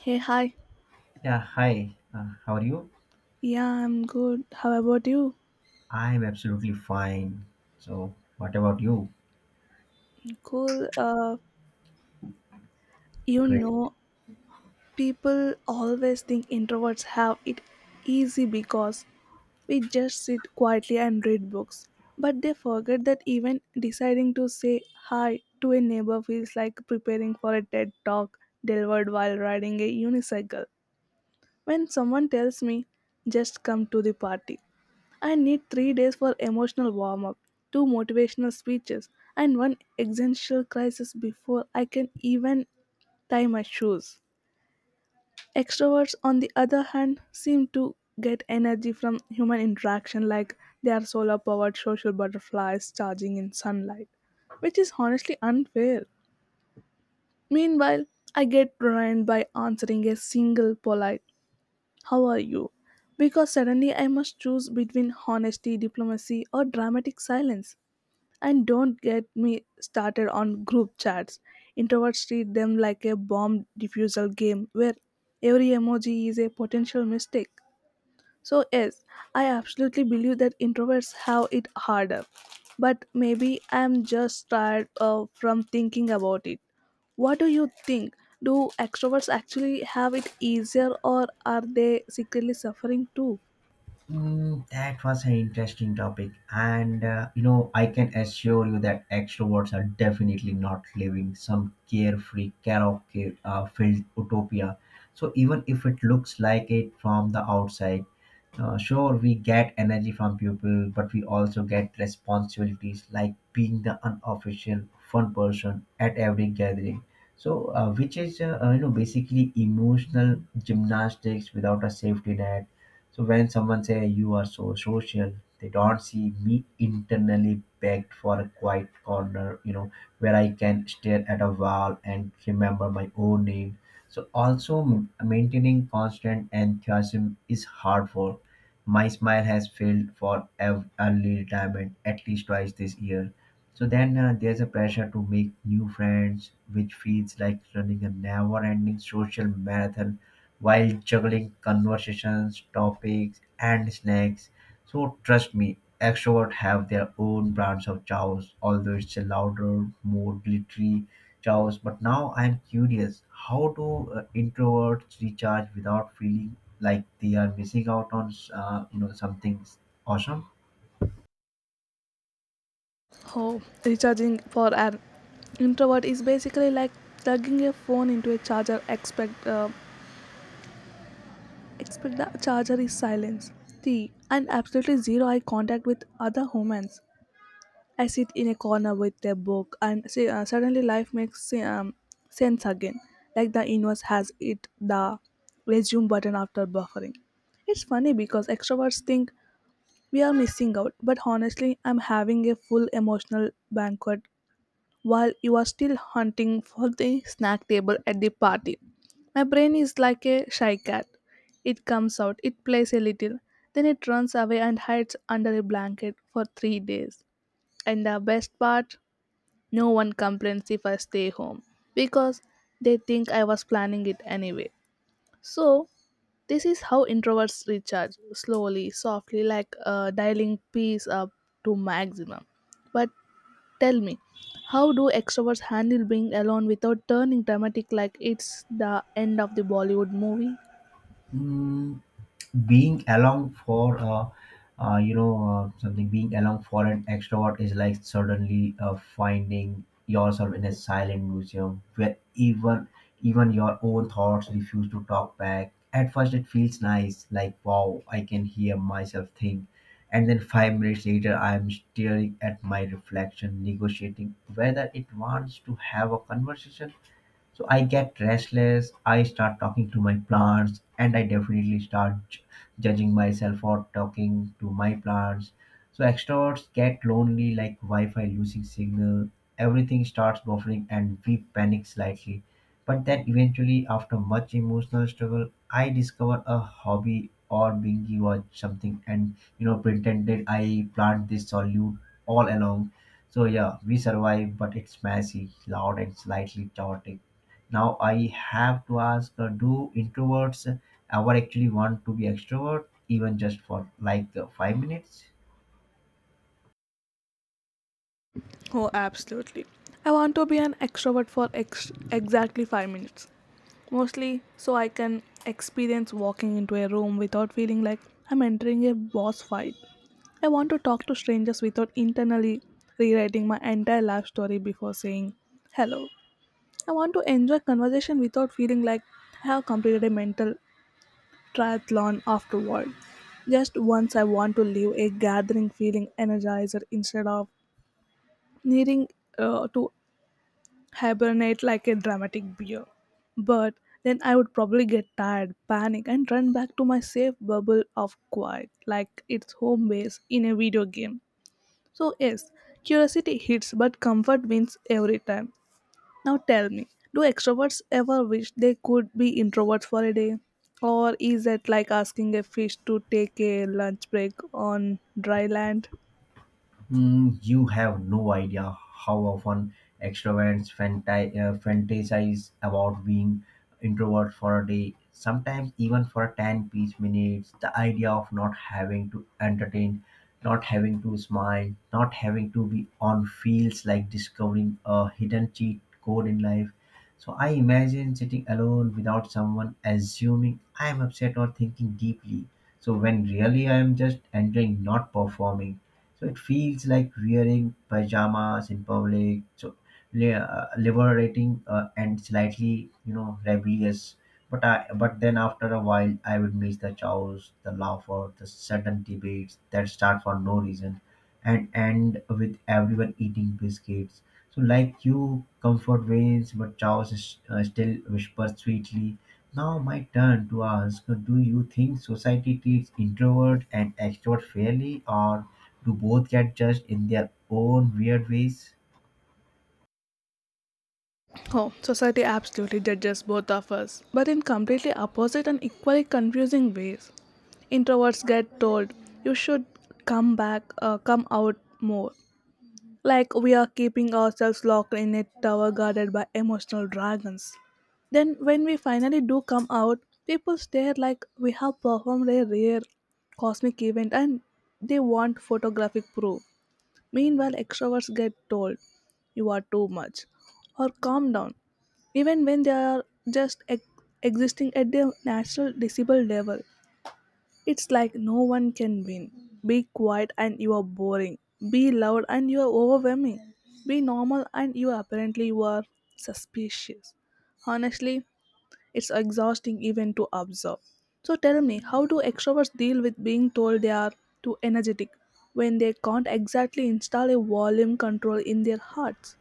Hey, hi. Yeah, hi. How are you? Yeah, I'm good. How about you? I'm absolutely fine. So, what about you? Cool. You Great. know, People always think introverts have it easy because we just sit quietly and read books. But they forget that even deciding to say hi to a neighbor feels like preparing for a TED talk delivered while riding a unicycle. When someone tells me, just come to the party, I need 3 days for emotional warm up, 2 motivational speeches, and one existential crisis before I can even tie my shoes. Extroverts, on the other hand, seem to get energy from human interaction like they are solar powered social butterflies charging in sunlight, which is honestly unfair. Meanwhile, I get ruined by answering a single polite, how are you? Because suddenly I must choose between honesty, diplomacy, or dramatic silence. And don't get me started on group chats. Introverts treat them like a bomb diffusal game where every emoji is a potential mistake. So, yes, I absolutely believe that introverts have it harder. But maybe I'm just tired from thinking about it. What do you think? Do extroverts actually have it easier, or are they secretly suffering too? That was an interesting topic, and I can assure you that extroverts are definitely not living some carefree, karaoke filled utopia. So, even if it looks like it from the outside. Sure, we get energy from people, but we also get responsibilities like being the unofficial fun person at every gathering. So, which is basically emotional gymnastics without a safety net. So when someone say you are so social, they don't see me internally begged for a quiet corner, where I can stare at a wall and remember my own name. So also maintaining constant enthusiasm is hard work. My smile has failed for early retirement at least twice this year. So then there's a pressure to make new friends, which feels like running a never ending social marathon while juggling conversations, topics, and snacks. So trust me, extroverts have their own brands of chaos, although it's a louder, more glittery chaos. But now I'm curious, how do introverts recharge without feeling like they are missing out on something awesome? Oh, recharging for an introvert is basically like plugging a phone into a charger. Expect the charger is silence, tea, and absolutely zero eye contact with other humans. I sit in a corner with a book, and see, suddenly life makes sense again. Like the universe has it the resume button after buffering. It's funny because extroverts think we are missing out, but honestly, I'm having a full emotional banquet while you are still hunting for the snack table at the party. My brain is like a shy cat. It comes out, it plays a little, then it runs away and hides under a blanket for 3 days. And the best part, no one complains if I stay home because they think I was planning it anyway. So, this is how introverts recharge slowly, softly, like dialing peace up to maximum. But tell me, how do extroverts handle being alone without turning dramatic like it's the end of the Bollywood movie? Being along for you know something being along for an extrovert is like suddenly finding yourself in a silent museum where even your own thoughts refuse to talk back. At first it feels nice, like, wow, I can hear myself think. And then 5 minutes later I am staring at my reflection, negotiating whether it wants to have a conversation. So I get restless, I start talking to my plants, and I definitely start judging myself for talking to my plants. So extroverts get lonely like Wi-Fi losing signal, everything starts buffering and we panic slightly. But then eventually, after much emotional struggle, I discover a hobby or binge watch something and, you know, pretended I plant this solute all along. So yeah, we survive but it's messy, loud and slightly chaotic. Now I have to ask, do introverts ever actually want to be extrovert even just for like 5 minutes? Oh, absolutely. I want to be an extrovert for exactly 5 minutes. Mostly so I can experience walking into a room without feeling like I'm entering a boss fight. I want to talk to strangers without internally rewriting my entire life story before saying hello. I want to enjoy conversation without feeling like I have completed a mental triathlon afterward. Just once I want to leave a gathering feeling energizer instead of needing to hibernate like a dramatic beer. But then I would probably get tired, panic, and run back to my safe bubble of quiet, like it's home base in a video game. So, yes, curiosity hits, but comfort wins every time. Now tell me, do extroverts ever wish they could be introverts for a day? Or is it like asking a fish to take a lunch break on dry land? You have no idea how often extroverts fantasize about being introverts for a day, sometimes even for 10-piece minutes. The idea of not having to entertain, not having to smile, not having to be on feels like discovering a hidden cheat code in life. So I imagine sitting alone without someone assuming I am upset or thinking deeply. So when really I am just enjoying not performing. So it feels like wearing pajamas in public. So liberating and slightly, you know, rebellious. But then after a while, I would miss the chows, the laughter, the sudden debates that start for no reason, and end with everyone eating biscuits. So like you, comfort wanes, but chows still whispers sweetly. Now my turn to ask: do you think society treats introvert and extrovert fairly, or do both get judged in their own weird ways? Oh, society absolutely judges both of us, but in completely opposite and equally confusing ways. Introverts get told you should come out more, like we are keeping ourselves locked in a tower guarded by emotional dragons. Then, when we finally do come out, people stare like we have performed a rare cosmic event and they want photographic proof. Meanwhile, extroverts get told, you are too much, or calm down, even when they are just existing at their natural decibel level. It's like no one can win. Be quiet and you are boring. Be loud and you are overwhelming. Be normal and you apparently you are suspicious. Honestly, it's exhausting even to observe. So tell me, how do extroverts deal with being told they are too energetic when they can't exactly install a volume control in their hearts?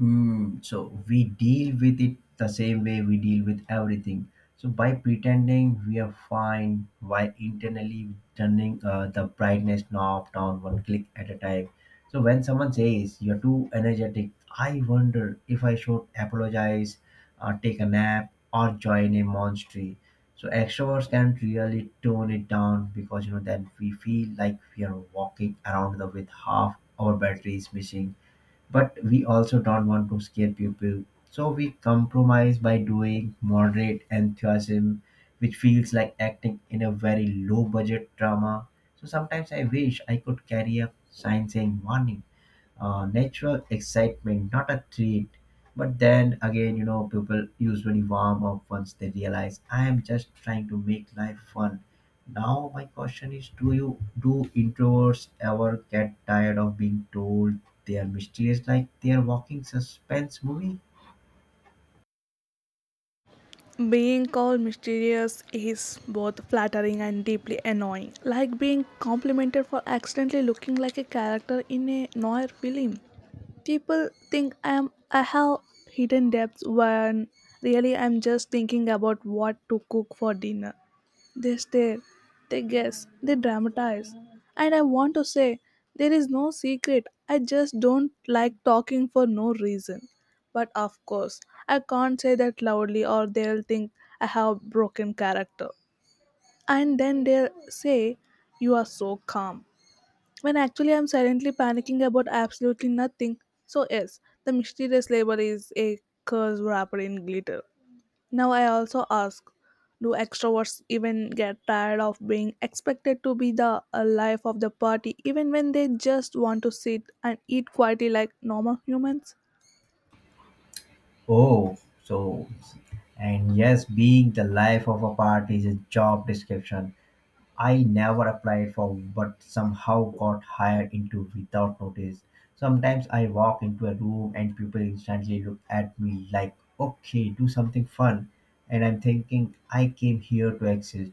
So we deal with it the same way we deal with everything. So by pretending we are fine, by internally turning the brightness knob down one click at a time. So when someone says you're too energetic, I wonder if I should apologize, take a nap, or join a monastery. So extroverts can really tone it down, because you know then we feel like we are walking around the with half our batteries missing, but we also don't want to scare people. So we compromise by doing moderate enthusiasm, which feels like acting in a very low budget drama. So sometimes I wish I could carry a sign saying warning, natural excitement, not a treat. But then again, you know, people usually warm up once they realize I am just trying to make life fun. Now my question is, do introverts ever get tired of being told they are mysterious, like they are walking suspense movie? Being called mysterious is both flattering and deeply annoying, like being complimented for accidentally looking like a character in a noir film. People think I have hidden depths when really I'm just thinking about what to cook for dinner. They stare, they guess, they dramatize. And I want to say, there is no secret. I just don't like talking for no reason. But of course, I can't say that loudly or they'll think I have broken character. And then they'll say, you are so calm. When actually I'm silently panicking about absolutely nothing. So, yes, the mysterious label is a curse wrapped in glitter. Now I also ask, do extroverts even get tired of being expected to be the life of the party even when they just want to sit and eat quietly like normal humans? Oh, so and yes, being the life of a party is a job description I never applied for but somehow got hired into without notice. Sometimes I walk into a room and people instantly look at me like, okay, do something fun. And I'm thinking, I came here to exist,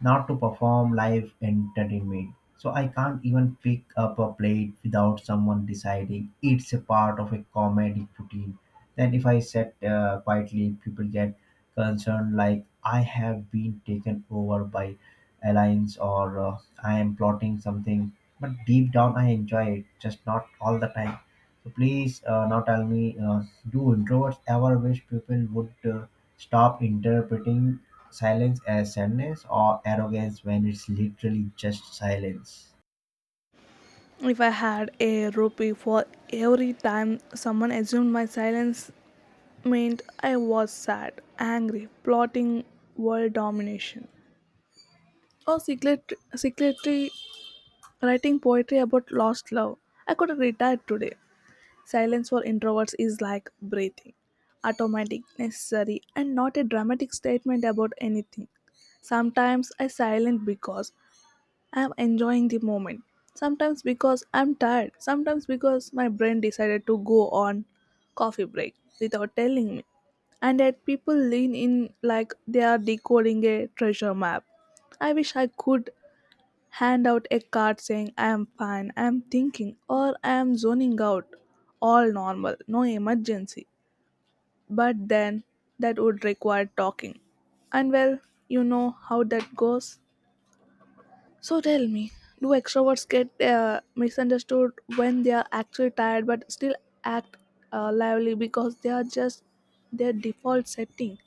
not to perform live entertainment. So I can't even pick up a plate without someone deciding it's a part of a comedy routine. Then if I sit quietly, people get concerned like I have been taken over by alliance or I am plotting something. But deep down, I enjoy it, just not all the time. So please, now tell me, do introverts ever wish people would stop interpreting silence as sadness or arrogance when it's literally just silence? If I had a rupee for every time someone assumed my silence meant I was sad, angry, plotting world domination, or secretly writing poetry about lost love, I could retire today. Silence for introverts is like breathing, automatic, necessary, and not a dramatic statement about anything. Sometimes I silent because I am enjoying the moment. Sometimes because I'm tired. Sometimes because my brain decided to go on coffee break without telling me. And yet people lean in like they are decoding a treasure map. I wish I could hand out a card saying I am fine, I am thinking, or I am zoning out. All normal, no emergency. But then that would require talking. And well, you know how that goes. So tell me, do extroverts get misunderstood when they are actually tired but still act lively because they are just their default setting?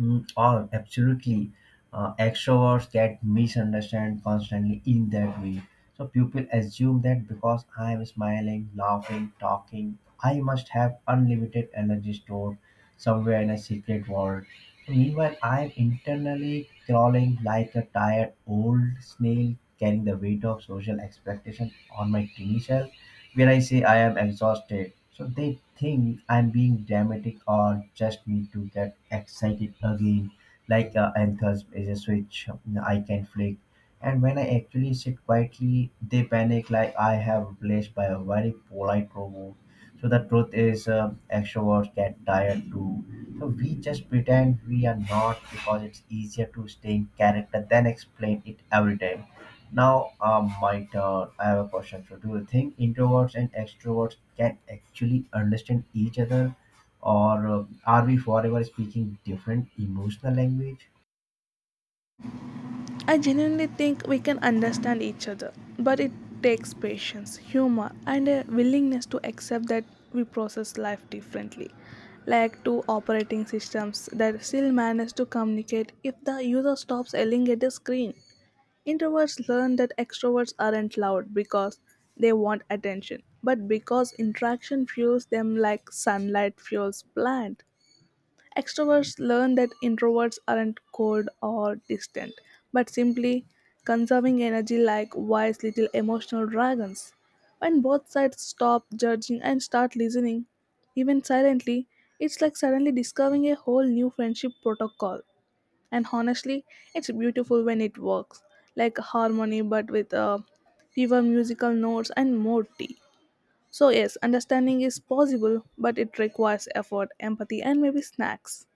Oh, absolutely. Extroverts get misunderstood constantly in that way. So people assume that because I am smiling, laughing, talking, I must have unlimited energy stored somewhere in a secret world. Meanwhile, I am internally crawling like a tired old snail, carrying the weight of social expectation on my tiny self. When I say I am exhausted. So they think I'm being dramatic or just need to get excited again, like enthusiasm is a switch I can flick. And when I actually sit quietly, they panic like I have replaced by a very polite robot. So the truth is, extroverts get tired too. So we just pretend we are not because it's easier to stay in character than explain it every time. Now, my turn. I have a question for you. Do you think introverts and extroverts can actually understand each other, or are we forever speaking different emotional language? I genuinely think we can understand each other, but it takes patience, humor, and a willingness to accept that we process life differently, like two operating systems that still manage to communicate if the user stops yelling at the screen. Introverts learn that extroverts aren't loud because they want attention, but because interaction fuels them like sunlight fuels plant. Extroverts learn that introverts aren't cold or distant, but simply conserving energy like wise little emotional dragons. When both sides stop judging and start listening, even silently, it's like suddenly discovering a whole new friendship protocol. And honestly, it's beautiful when it works, like harmony but with fewer musical notes and more tea. So, yes, understanding is possible, but it requires effort, empathy, and maybe snacks.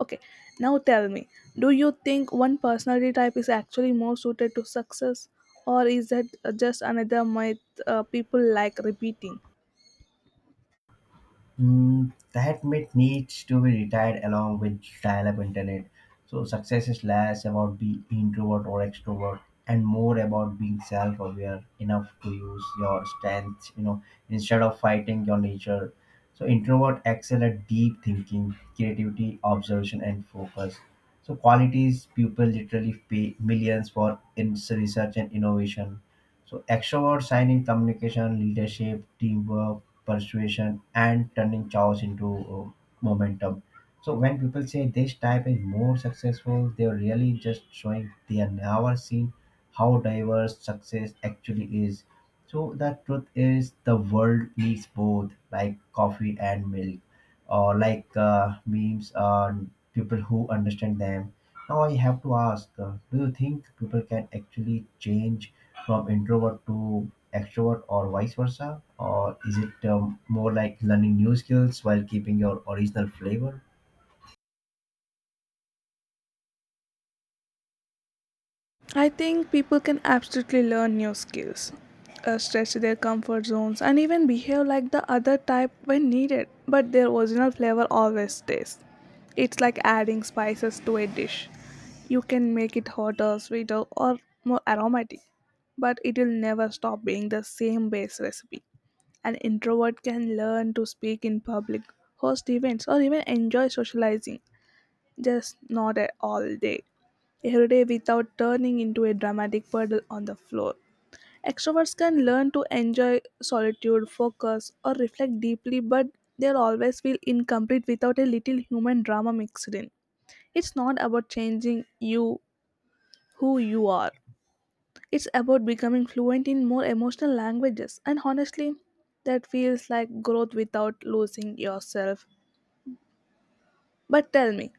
Okay, now tell me, do you think one personality type is actually more suited to success, or is that just another myth people like repeating? That myth needs to be retired along with dial-up internet. So success is less about being introvert or extrovert, and more about being self-aware enough to use your strengths, you know, instead of fighting your nature. So introvert excel at deep thinking, creativity, observation, and focus. So qualities people literally pay millions for in research and innovation. So extrovert sign in communication, leadership, teamwork, persuasion and turning chaos into momentum. So when people say this type is more successful, they're really just showing they have never seen how diverse success actually is. So the truth is the world needs both, like coffee and milk, or like memes on people who understand them. Now I have to ask, do you think people can actually change from introvert to extrovert or vice versa? Or is it more like learning new skills while keeping your original flavor? I think people can absolutely learn new skills, stretch their comfort zones, and even behave like the other type when needed, but their original flavor always stays. It's like adding spices to a dish. You can make it hotter, sweeter, or more aromatic, but it will never stop being the same base recipe. An introvert can learn to speak in public, host events, or even enjoy socializing, just not at all day, every day without turning into a dramatic puddle on the floor. Extroverts can learn to enjoy solitude, focus, or reflect deeply, but they'll always feel incomplete without a little human drama mixed in. It's not about changing who you are. It's about becoming fluent in more emotional languages, and honestly, that feels like growth without losing yourself. But tell me,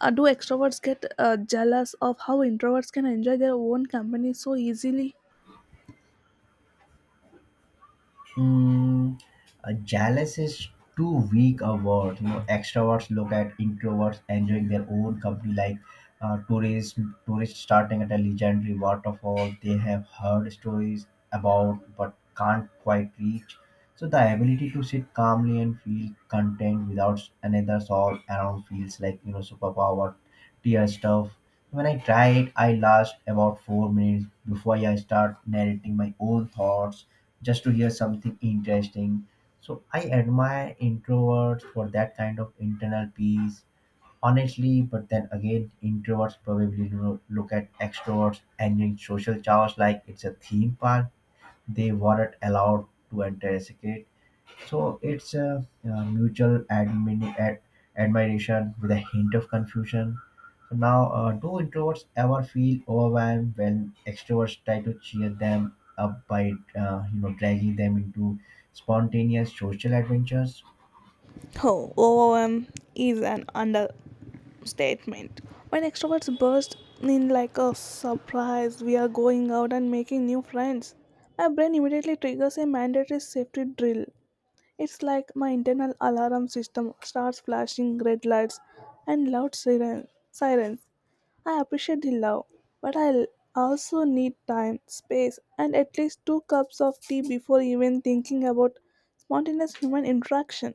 do extroverts get jealous of how introverts can enjoy their own company so easily? Mm, jealous is too weak a word. You know, extroverts look at introverts enjoying their own company, like tourists. Tourists starting at a legendary waterfall they have heard stories about but can't quite reach. So the ability to sit calmly and feel content without another soul around feels like, you know, superpower, tier stuff. When I try it, I last about 4 minutes before I start narrating my own thoughts just to hear something interesting. So I admire introverts for that kind of internal peace, honestly. But then again, introverts probably look at extroverts and in social showers like it's a theme park. They weren't allowed to enter as a kid. So it's a, mutual admiration with a hint of confusion. So now, do introverts ever feel overwhelmed when extroverts try to cheer them up by, dragging them into spontaneous social adventures? Oh, OOM is an understatement. When extroverts burst in like a surprise, we are going out and making new friends. My brain immediately triggers a mandatory safety drill. It's like my internal alarm system starts flashing red lights and sirens. I appreciate the love, but also need time, space, and at least 2 cups of tea before even thinking about spontaneous human interaction.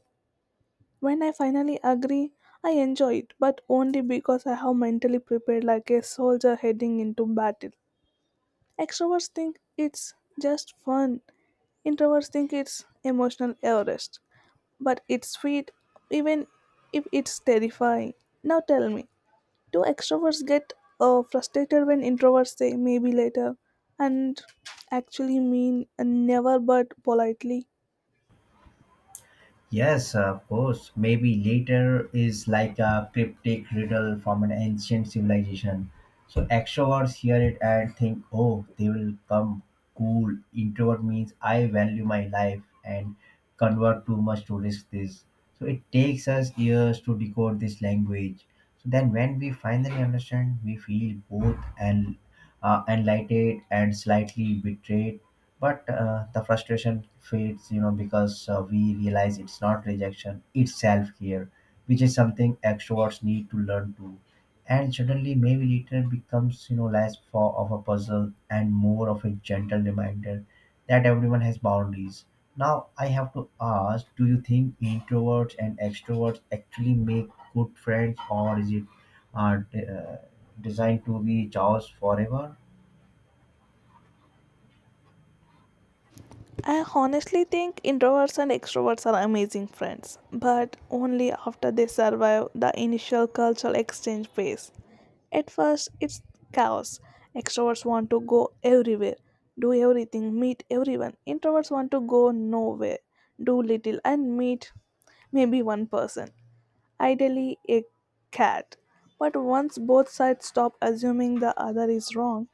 When I finally agree, I enjoy it, but only because I have mentally prepared like a soldier heading into battle. Extroverts think it's just fun. Introverts think it's emotional Everest. But it's sweet, even if it's terrifying. Now tell me, do extroverts get frustrated when introverts say maybe later and actually mean never but politely? Yes, of course. Maybe later is like a cryptic riddle from an ancient civilization. So extroverts hear it and think, oh, they will come cool. Introvert means I value my life and convert too much to risk this. So it takes us years to decode this language. So then when we finally understand, we feel both and enlightened and slightly betrayed, but the frustration fades, you know, because we realize it's not rejection, it's self-care, which is something extroverts need to learn to. And suddenly maybe return becomes, you know, less for of a puzzle and more of a gentle reminder that everyone has boundaries. Now I have to ask, do you think introverts and extroverts actually make good friends, or is it uh, d- uh, designed to be chaos forever? I honestly think introverts and extroverts are amazing friends, but only after they survive the initial cultural exchange phase. At first, it's chaos. Extroverts want to go everywhere, do everything, meet everyone. Introverts want to go nowhere, do little, and meet maybe one person, ideally a cat. But once both sides stop assuming the other is wrong,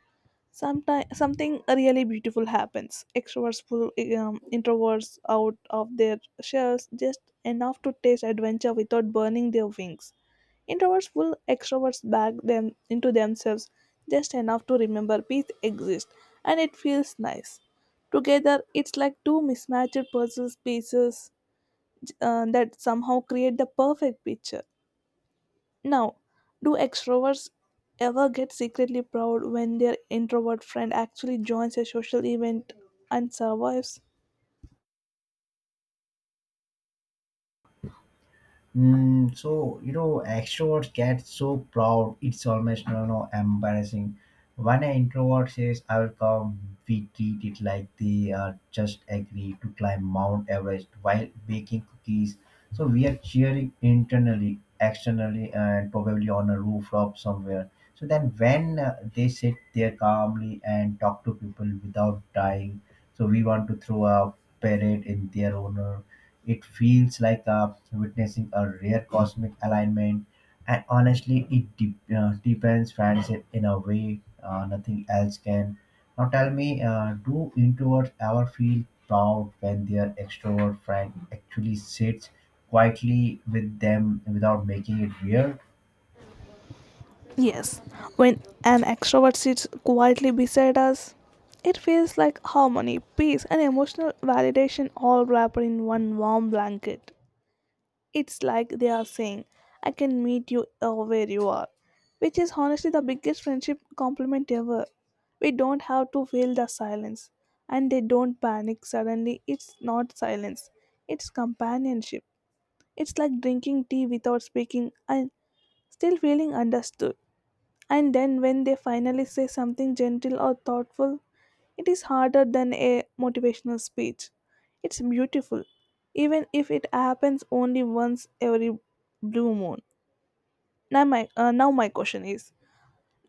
sometimes something really beautiful happens. Extroverts pull introverts out of their shells just enough to taste adventure without burning their wings. Introverts pull extroverts back them into themselves just enough to remember peace exists, and it feels nice. Together it's like two mismatched puzzle pieces that somehow create the perfect picture. Now, do extroverts ever get secretly proud when their introvert friend actually joins a social event and survives? Extroverts get so proud, it's almost, you know, embarrassing. When an introvert says, "I will come," we treat it like they are just agreed to climb Mount Everest while baking cookies. So we are cheering internally, externally, and probably on a rooftop somewhere. So then, when they sit there calmly and talk to people without dying, so we want to throw a parade in their honor. It feels like witnessing a rare cosmic alignment, and honestly, it deepens friendship in a way nothing else can. Now, tell me, do introverts ever feel proud when their extrovert friend actually sits quietly with them without making it weird? Yes, when an extrovert sits quietly beside us, it feels like harmony, peace, and emotional validation all wrapped in one warm blanket. It's like they are saying, I can meet you where you are, which is honestly the biggest friendship compliment ever. We don't have to feel the silence, and they don't panic suddenly. It's not silence, it's companionship. It's like drinking tea without speaking and still feeling understood. And then when they finally say something gentle or thoughtful, it is harder than a motivational speech. It's beautiful, even if it happens only once every blue moon. Now my question is,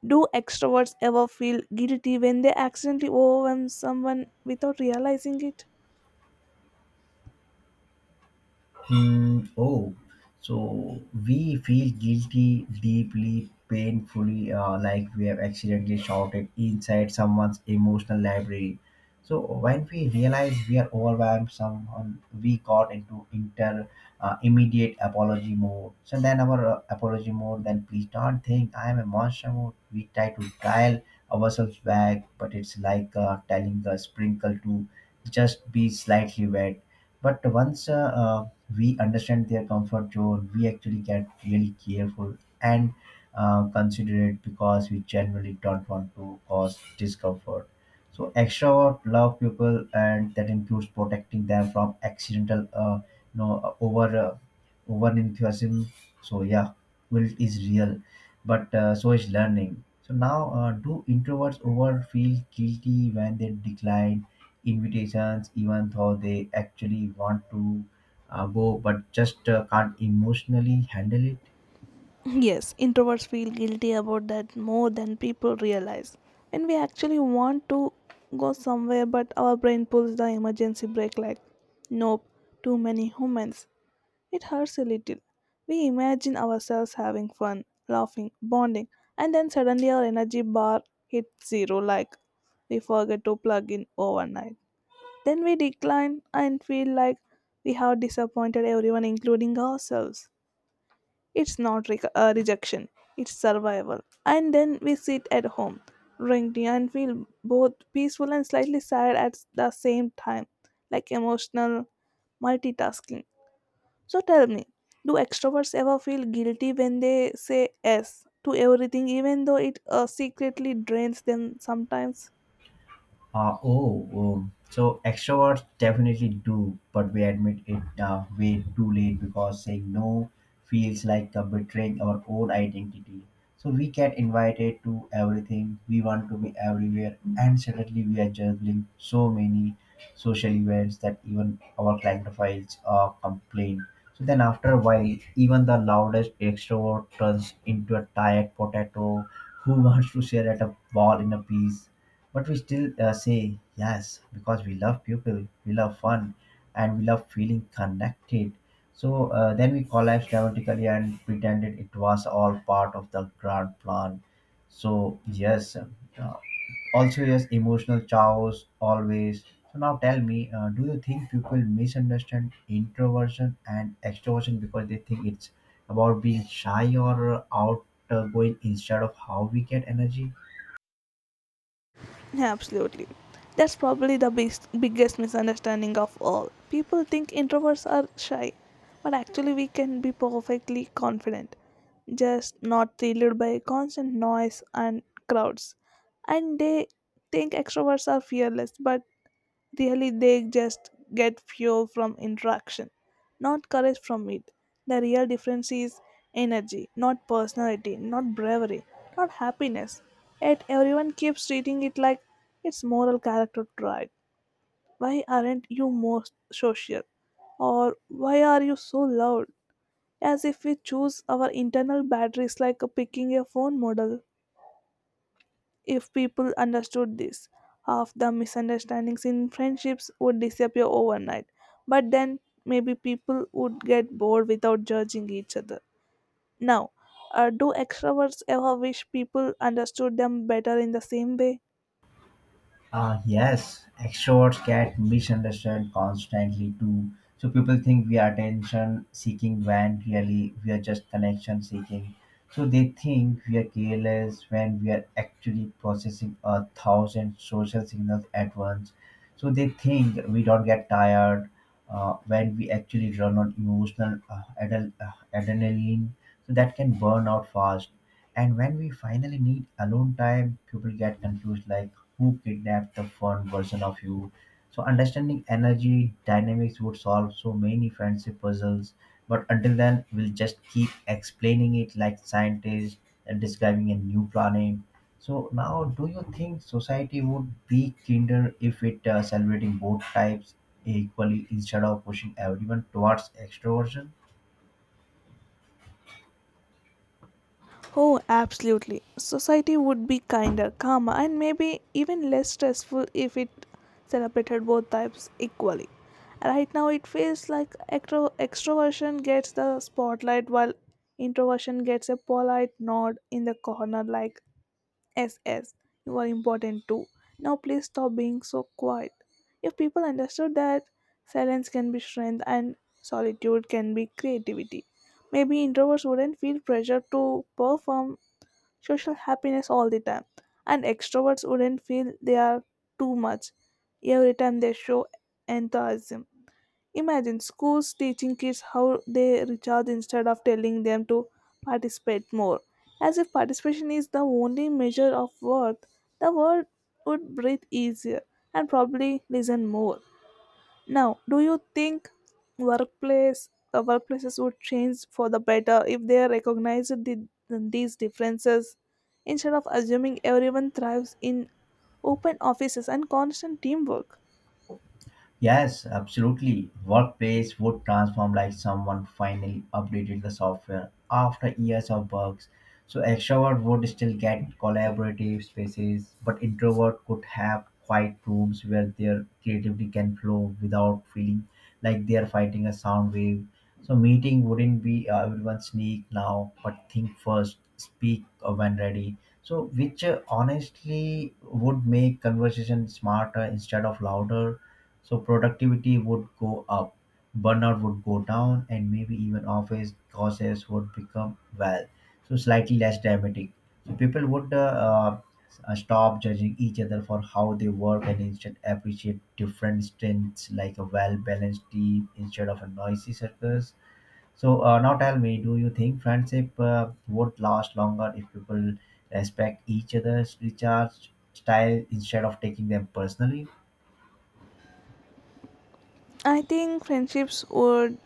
do extroverts ever feel guilty when they accidentally overwhelm someone without realizing it? Hmm. Oh, so we feel guilty, deeply, painfully, like we have accidentally shouted inside someone's emotional library. So when we realize we are overwhelmed, someone we got into inter immediate apology mode. So then our apology mode. Then please don't think I am a monster mode. We try to dial ourselves back, but it's like telling a sprinkle to just be slightly wet. But once we understand their comfort zone, we actually get really careful and considerate because we generally don't want to cause discomfort. So extrovert love people, and that includes protecting them from accidental over enthusiasm. So yeah, guilt is real, but so is learning. So now, do introverts over feel guilty when they decline invitations even though they actually want to go but just can't emotionally handle it? Yes, introverts feel guilty about that more than people realize. When we actually want to go somewhere, but our brain pulls the emergency brake like, nope, too many humans. It hurts a little. We imagine ourselves having fun, laughing, bonding, and then suddenly our energy bar hits zero like we forget to plug in overnight. Then we decline and feel like we have disappointed everyone, including ourselves. It's not rejection, it's survival. And then we sit at home, drink tea, and feel both peaceful and slightly sad at the same time, like emotional multitasking. So tell me, do extroverts ever feel guilty when they say yes to everything, even though it secretly drains them sometimes? Oh, so extroverts definitely do, but we admit it way too late because saying no feels like betraying our own identity. So we get invited to everything, we want to be everywhere, and suddenly we are juggling so many social events that even our client files complain. So then, after a while, even the loudest extrovert turns into a tired potato who wants to share at a ball in a piece, but we still say yes because we love people, we love fun, and we love feeling connected. So then we collapsed dramatically and pretended it was all part of the grand plan. So yes, also yes, emotional chows always. So now tell me, do you think people misunderstand introversion and extroversion because they think it's about being shy or outgoing instead of how we get energy? Yeah, absolutely. That's probably the biggest misunderstanding of all. People think introverts are shy, but actually, we can be perfectly confident, just not thrilled by constant noise and crowds. And they think extroverts are fearless, but really, they just get fuel from interaction, not courage from it. The real difference is energy, not personality, not bravery, not happiness. Yet everyone keeps treating it like it's moral character trait. Why aren't you more social? Or why are you so loud? As if we choose our internal batteries like a picking a phone model. If people understood this, half the misunderstandings in friendships would disappear overnight. But then maybe people would get bored without judging each other. Now, do extroverts ever wish people understood them better in the same way? Yes, extroverts get misunderstood constantly too. So people think we are attention seeking when really we are just connection seeking. So they think we are careless when we are actually processing a thousand social signals at once. So they think we don't get tired when we actually run on emotional adrenaline. So that can burn out fast. And when we finally need alone time, people get confused like who kidnapped the fun version of you. So understanding energy dynamics would solve so many friendship puzzles. But until then, we'll just keep explaining it like scientists and describing a new planet. So now, do you think society would be kinder if it celebrating both types equally instead of pushing everyone towards extroversion? Oh, absolutely. Society would be kinder, calmer, and maybe even less stressful if it celebrated both types equally. Right now, it feels like extroversion gets the spotlight while introversion gets a polite nod in the corner, like SS, you are important too. Now, please stop being so quiet. If people understood that silence can be strength and solitude can be creativity, maybe introverts wouldn't feel pressure to perform social happiness all the time and extroverts wouldn't feel they are too much every time they show enthusiasm. Imagine schools teaching kids how they recharge instead of telling them to participate more, as if participation is the only measure of worth. The world would breathe easier and probably listen more. Now, do you think workplaces would change for the better if they recognized these differences instead of assuming everyone thrives in open offices and constant teamwork? Yes, absolutely. Workplace would transform like someone finally updated the software after years of bugs. So extrovert would still get collaborative spaces, but introvert could have quiet rooms where their creativity can flow without feeling like they are fighting a sound wave. So meeting wouldn't be everyone sneak now, but think first, speak when ready. So which honestly would make conversation smarter instead of louder. So productivity would go up, burnout would go down, and maybe even office causes would become, well, so slightly less dramatic. So people would stop judging each other for how they work and instead appreciate different strengths like a well-balanced team instead of a noisy circus. So now tell me, do you think friendship would last longer if people respect each other's recharge style instead of taking them personally? I think friendships would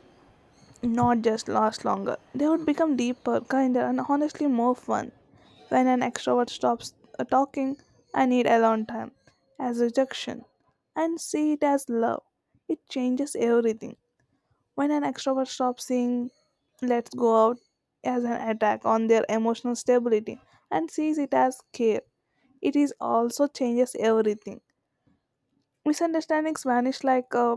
not just last longer; they would become deeper, kinder, and honestly more fun. When an extrovert stops talking, I need alone time as rejection and see it as love. It changes everything. When an extrovert stops seeing let's go out as an attack on their emotional stability and sees it as care, it is also changes everything. Misunderstandings vanish like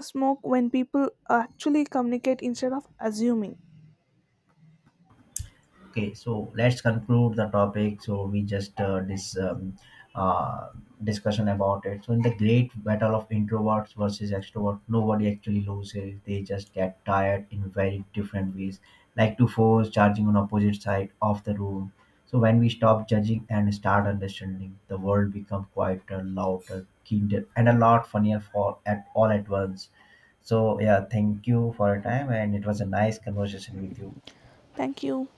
smoke when people actually communicate instead of assuming. Okay, so let's conclude the topic. So we just this uh, discussion about it. So in the great battle of introverts versus extroverts, nobody actually loses. They just get tired in very different ways, like two force charging on opposite side of the room. So when we stop judging and start understanding, the world becomes quieter, louder, kinder, and a lot funnier for at all at once. So yeah, thank you for your time, and it was a nice conversation with you. Thank you.